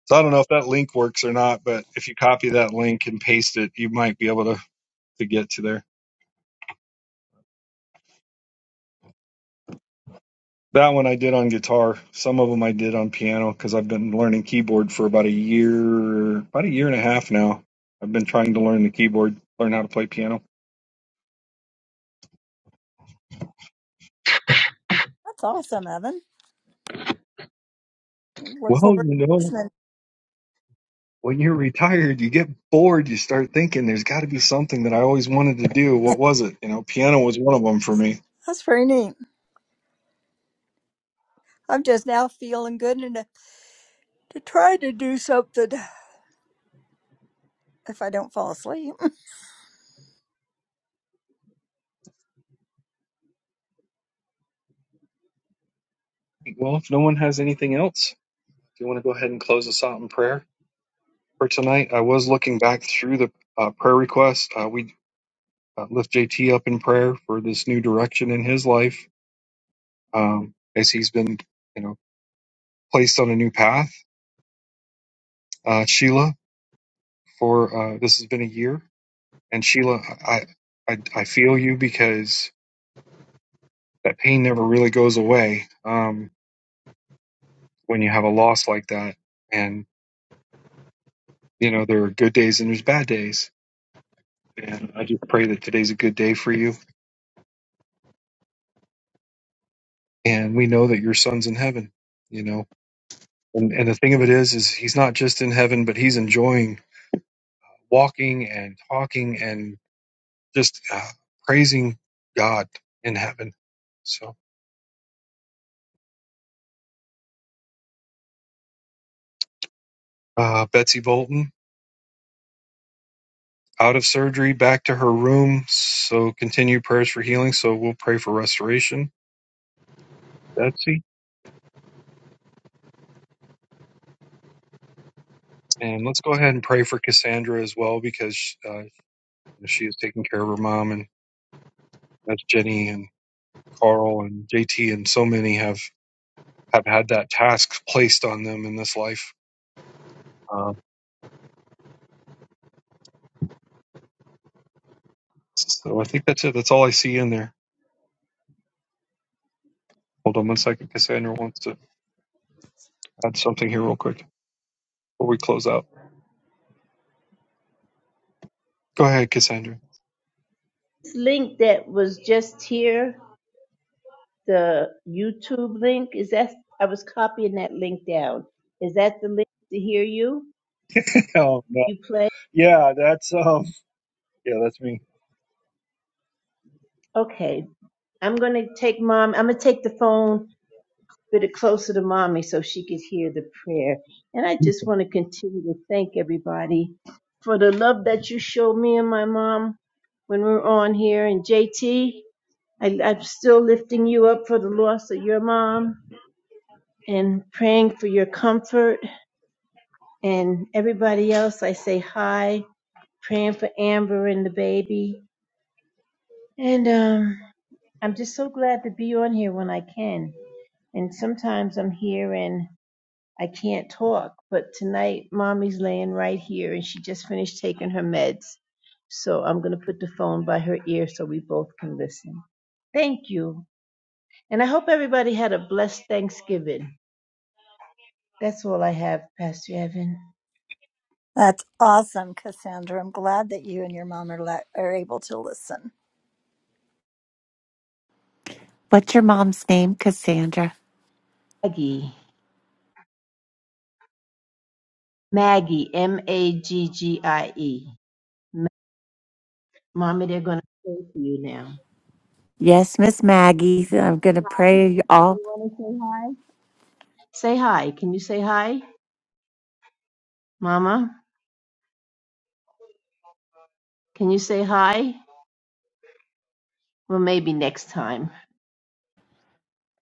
S2: So I don't know if that link works or not, but if you copy that link and paste it, you might be able to to get to there. That one I did on guitar. Some of them I did on piano because I've been learning keyboard for about a year, about a year and a half now. I've been trying to learn the keyboard, learn how to play piano.
S1: awesome, Evan. Look
S2: Well,
S1: forward
S2: you
S1: to
S2: know,
S1: listening.
S2: when you're retired, you get bored. You start thinking there's got to be something that I always wanted to do. What was it? You know, piano was one of them for me.
S1: That's very neat. I'm just now feeling good and. to try to do something if I don't fall asleep.
S2: Well, if no one has anything else, if you want to go ahead and close us out in prayer for tonight, I was looking back through the uh, prayer requests. Uh, we uh, lift JT up in prayer for this new direction in his life um, as he's been, you know, placed on a new path. Uh, Sheila, for uh, this has been a year, and Sheila, I, I, I feel you because that pain never really goes away um, when you have a loss like that. And you know, there are good days and there's bad days. And I just pray that today's a good day for you. And we know that your son's in heaven. You know, and and the thing of it is, is he's not just in heaven, but he's enjoying walking and talking and. just uh, praising God in heaven. So, uh, Betsy Bolton out of surgery, back to her room. So, continue prayers for healing. So, we'll pray for restoration, Betsy. And let's go ahead and pray for Cassandra as well because uh, she is taking care of her mom. And that's Jenny and Carl and JT, and so many have, have had that task placed on them in this life. Uh, so, I think that's it. That's all I see in there. Hold on one second. Cassandra wants to add something here, real quick, before we close out. Go ahead, Cassandra.
S6: this link that was just here, the YouTube link, is that, I was copying that link down. Is that the link to hear you? You play? Okay. I'm going to take mom, I'm going to take the phone a bit closer to mommy so she could hear the prayer. And I just want to continue to thank everybody for the love that you showed me and my mom when we were on here. And JT, I'm still lifting you up for the loss of your mom and praying for your comfort And everybody else, I say hi, praying for Amber and the baby. And um, I'm just so glad to be on here when I can. And sometimes I'm here and I can't talk, but tonight mommy's laying right here and she just finished taking her meds. So I'm going to put the phone by her ear so we both can listen. Thank you. And I hope everybody had a blessed Thanksgiving. That's all I have, Pastor Evan.
S1: That's awesome, Cassandra. I'm glad that you and your mom are, le- are able to listen.
S3: What's your mom's name, Cassandra?
S6: Maggie. Maggie, M A G G I E. Mommy, they're going to pray for you now.
S3: Yes, Miss Maggie. I'm going to pray
S6: You
S3: all.
S6: want to say hi? Say hi. Can you say hi, Mama? Can you say hi? Well, maybe next time.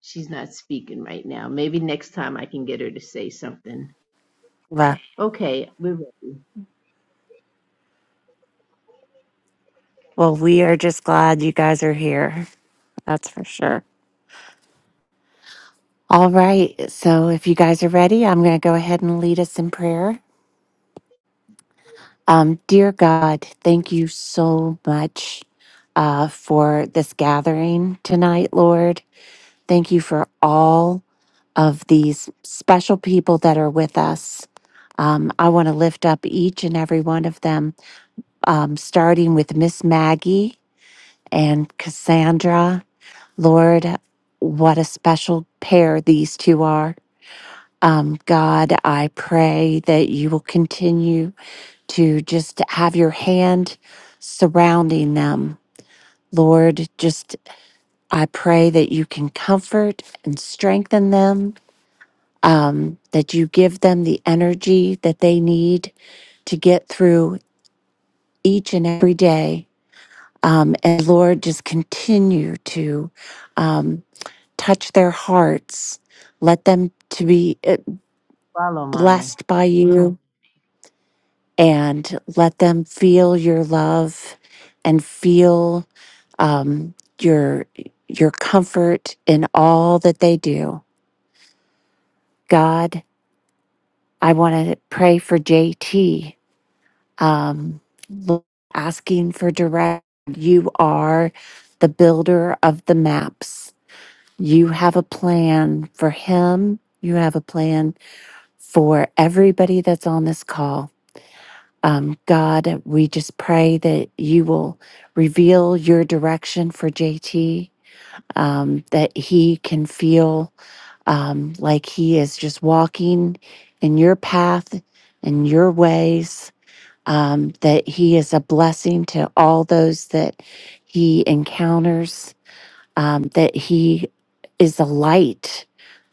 S6: She's not speaking right now. Maybe next time I can get her to say something.
S3: Well,
S6: Okay, we're ready.
S3: well, we are just glad you guys are here. That's for sure. All right. So if you guys are ready, I'm going to go ahead and lead us in prayer. Um, dear God, thank you so much uh, for this gathering tonight, Lord. Thank you for all of these special people that are with us. Um, I want to lift up each and every one of them, um, starting with Miss Maggie and Cassandra. Lord, what a special pair these two are. Um, God, I pray that you will continue to just have your hand surrounding them. Lord, just I pray that you can comfort and strengthen them, um, that you give them the energy that they need to get through each and every day. Um, and Lord, just continue to um, touch their hearts. Let them to be uh,
S6: Follow, Mommy.
S3: blessed by you and let them feel your love and feel um, your your comfort in all that they do. God, I want to pray for JT, um, Lord, asking for direct. You are the builder of the maps. You have a plan for him. You have a plan for everybody that's on this call. Um, God, we just pray that you will reveal your direction for JT, um, that he can feel um, like he is just walking in your path and your ways, um, that he is a blessing to all those that he encounters, um, that he is a light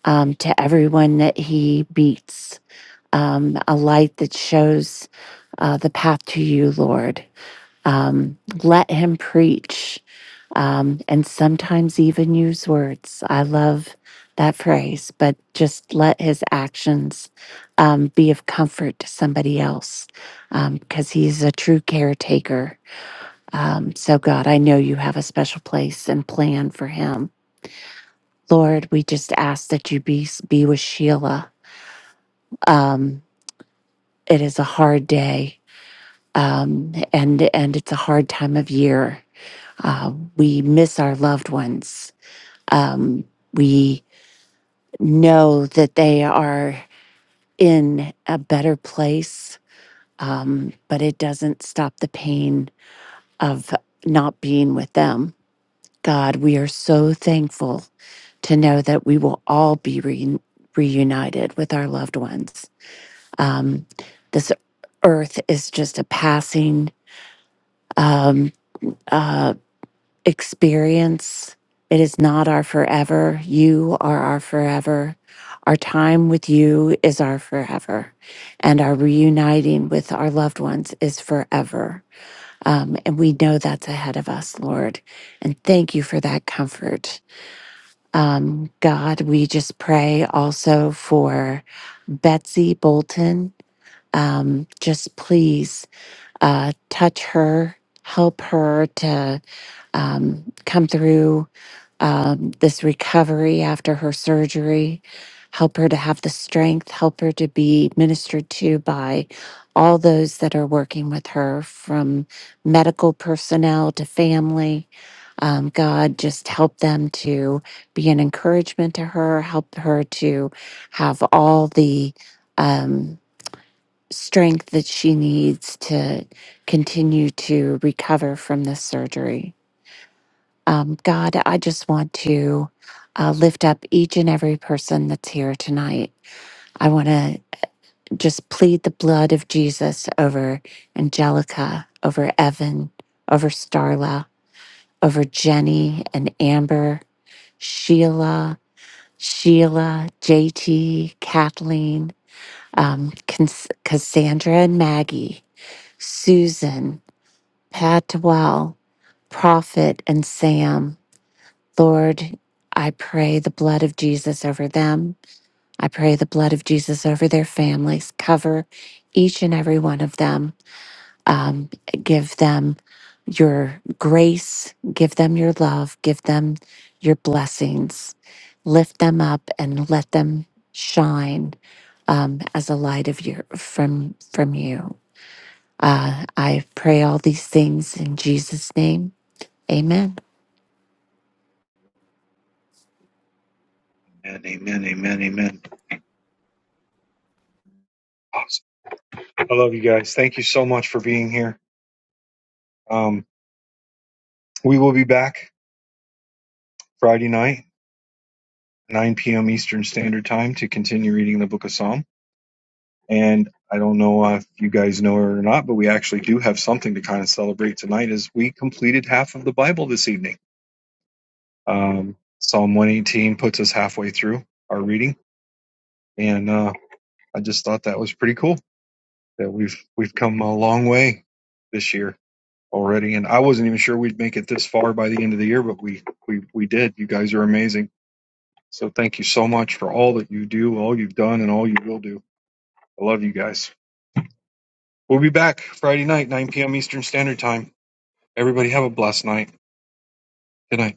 S3: um, to everyone that he meets, um, a light that shows uh, the path to you, Lord. Um, let him preach, um, and sometimes even use words. I love that phrase, but just let his actions um, be of comfort to somebody else because he's a true caretaker. Um, so, God, I know you have a special place and plan for him. Lord, we just ask that you be, be with Sheila. Um, it is a hard day um, and and it's a hard time of year Uh, we miss our loved ones. Um, we know that they are in a better place, um, but it doesn't stop the pain of not being with them. God, we are so thankful to know that we will all be re- reunited with our loved ones. Um, this earth is just a passing. Um, uh, experience. It is not our forever. You are our forever. Our time with you is our forever. And our reuniting with our loved ones is forever. Um, and we know that's ahead of us, Lord. And thank you for that comfort. Um, God, we just pray also for Betsy Bolton. Um, just please uh, touch her, help her to um, come through um, this recovery after her surgery. Help her to have the strength, help her to be ministered to by all those that are working with her, from medical personnel to family. Um, God, just help them to be an encouragement to her, help her to have all the um, strength that she needs to continue to recover from this surgery. Um, God, I just want to uh, lift up each and every person that's here tonight. I want to just plead the blood of Jesus over Angelica, over Evan, over Starla, over Jenny and Amber, Sheila, Sheila, JT, Kathleen, um, Cons- Cassandra and Maggie, Susan, Pat Dwell, Prophet and Sam, Lord, I pray the blood of Jesus over them. I pray the blood of Jesus over their families. Cover each and every one of them. Um, give them your grace. Give them your love. Give them your blessings. Lift them up and let them shine um, as a light of your from from you. Uh, I pray all these things in Jesus' name. Amen.
S2: Amen, amen, amen, amen. Awesome. I love you guys. Thank you so much for being here. Um, we will be back Friday night, 9 p.m. Eastern Standard Time, to continue reading the Book of Psalms. And I don't know if you guys know it or not, but we actually do have something to kind of celebrate tonight as we completed half of the Bible this evening. Um, Psalm 118 puts us halfway through our reading. And uh, I just thought that was pretty cool that we've we've come a long way this year already. And I wasn't even sure we'd make it this far by the end of the year, but we we, we did. You guys are amazing. So thank you so much for all that you do, all you've done, and all you will do. I love you guys. We'll be back Friday night, 9 p.m. Eastern Standard Time. Everybody have a blessed night. Good night.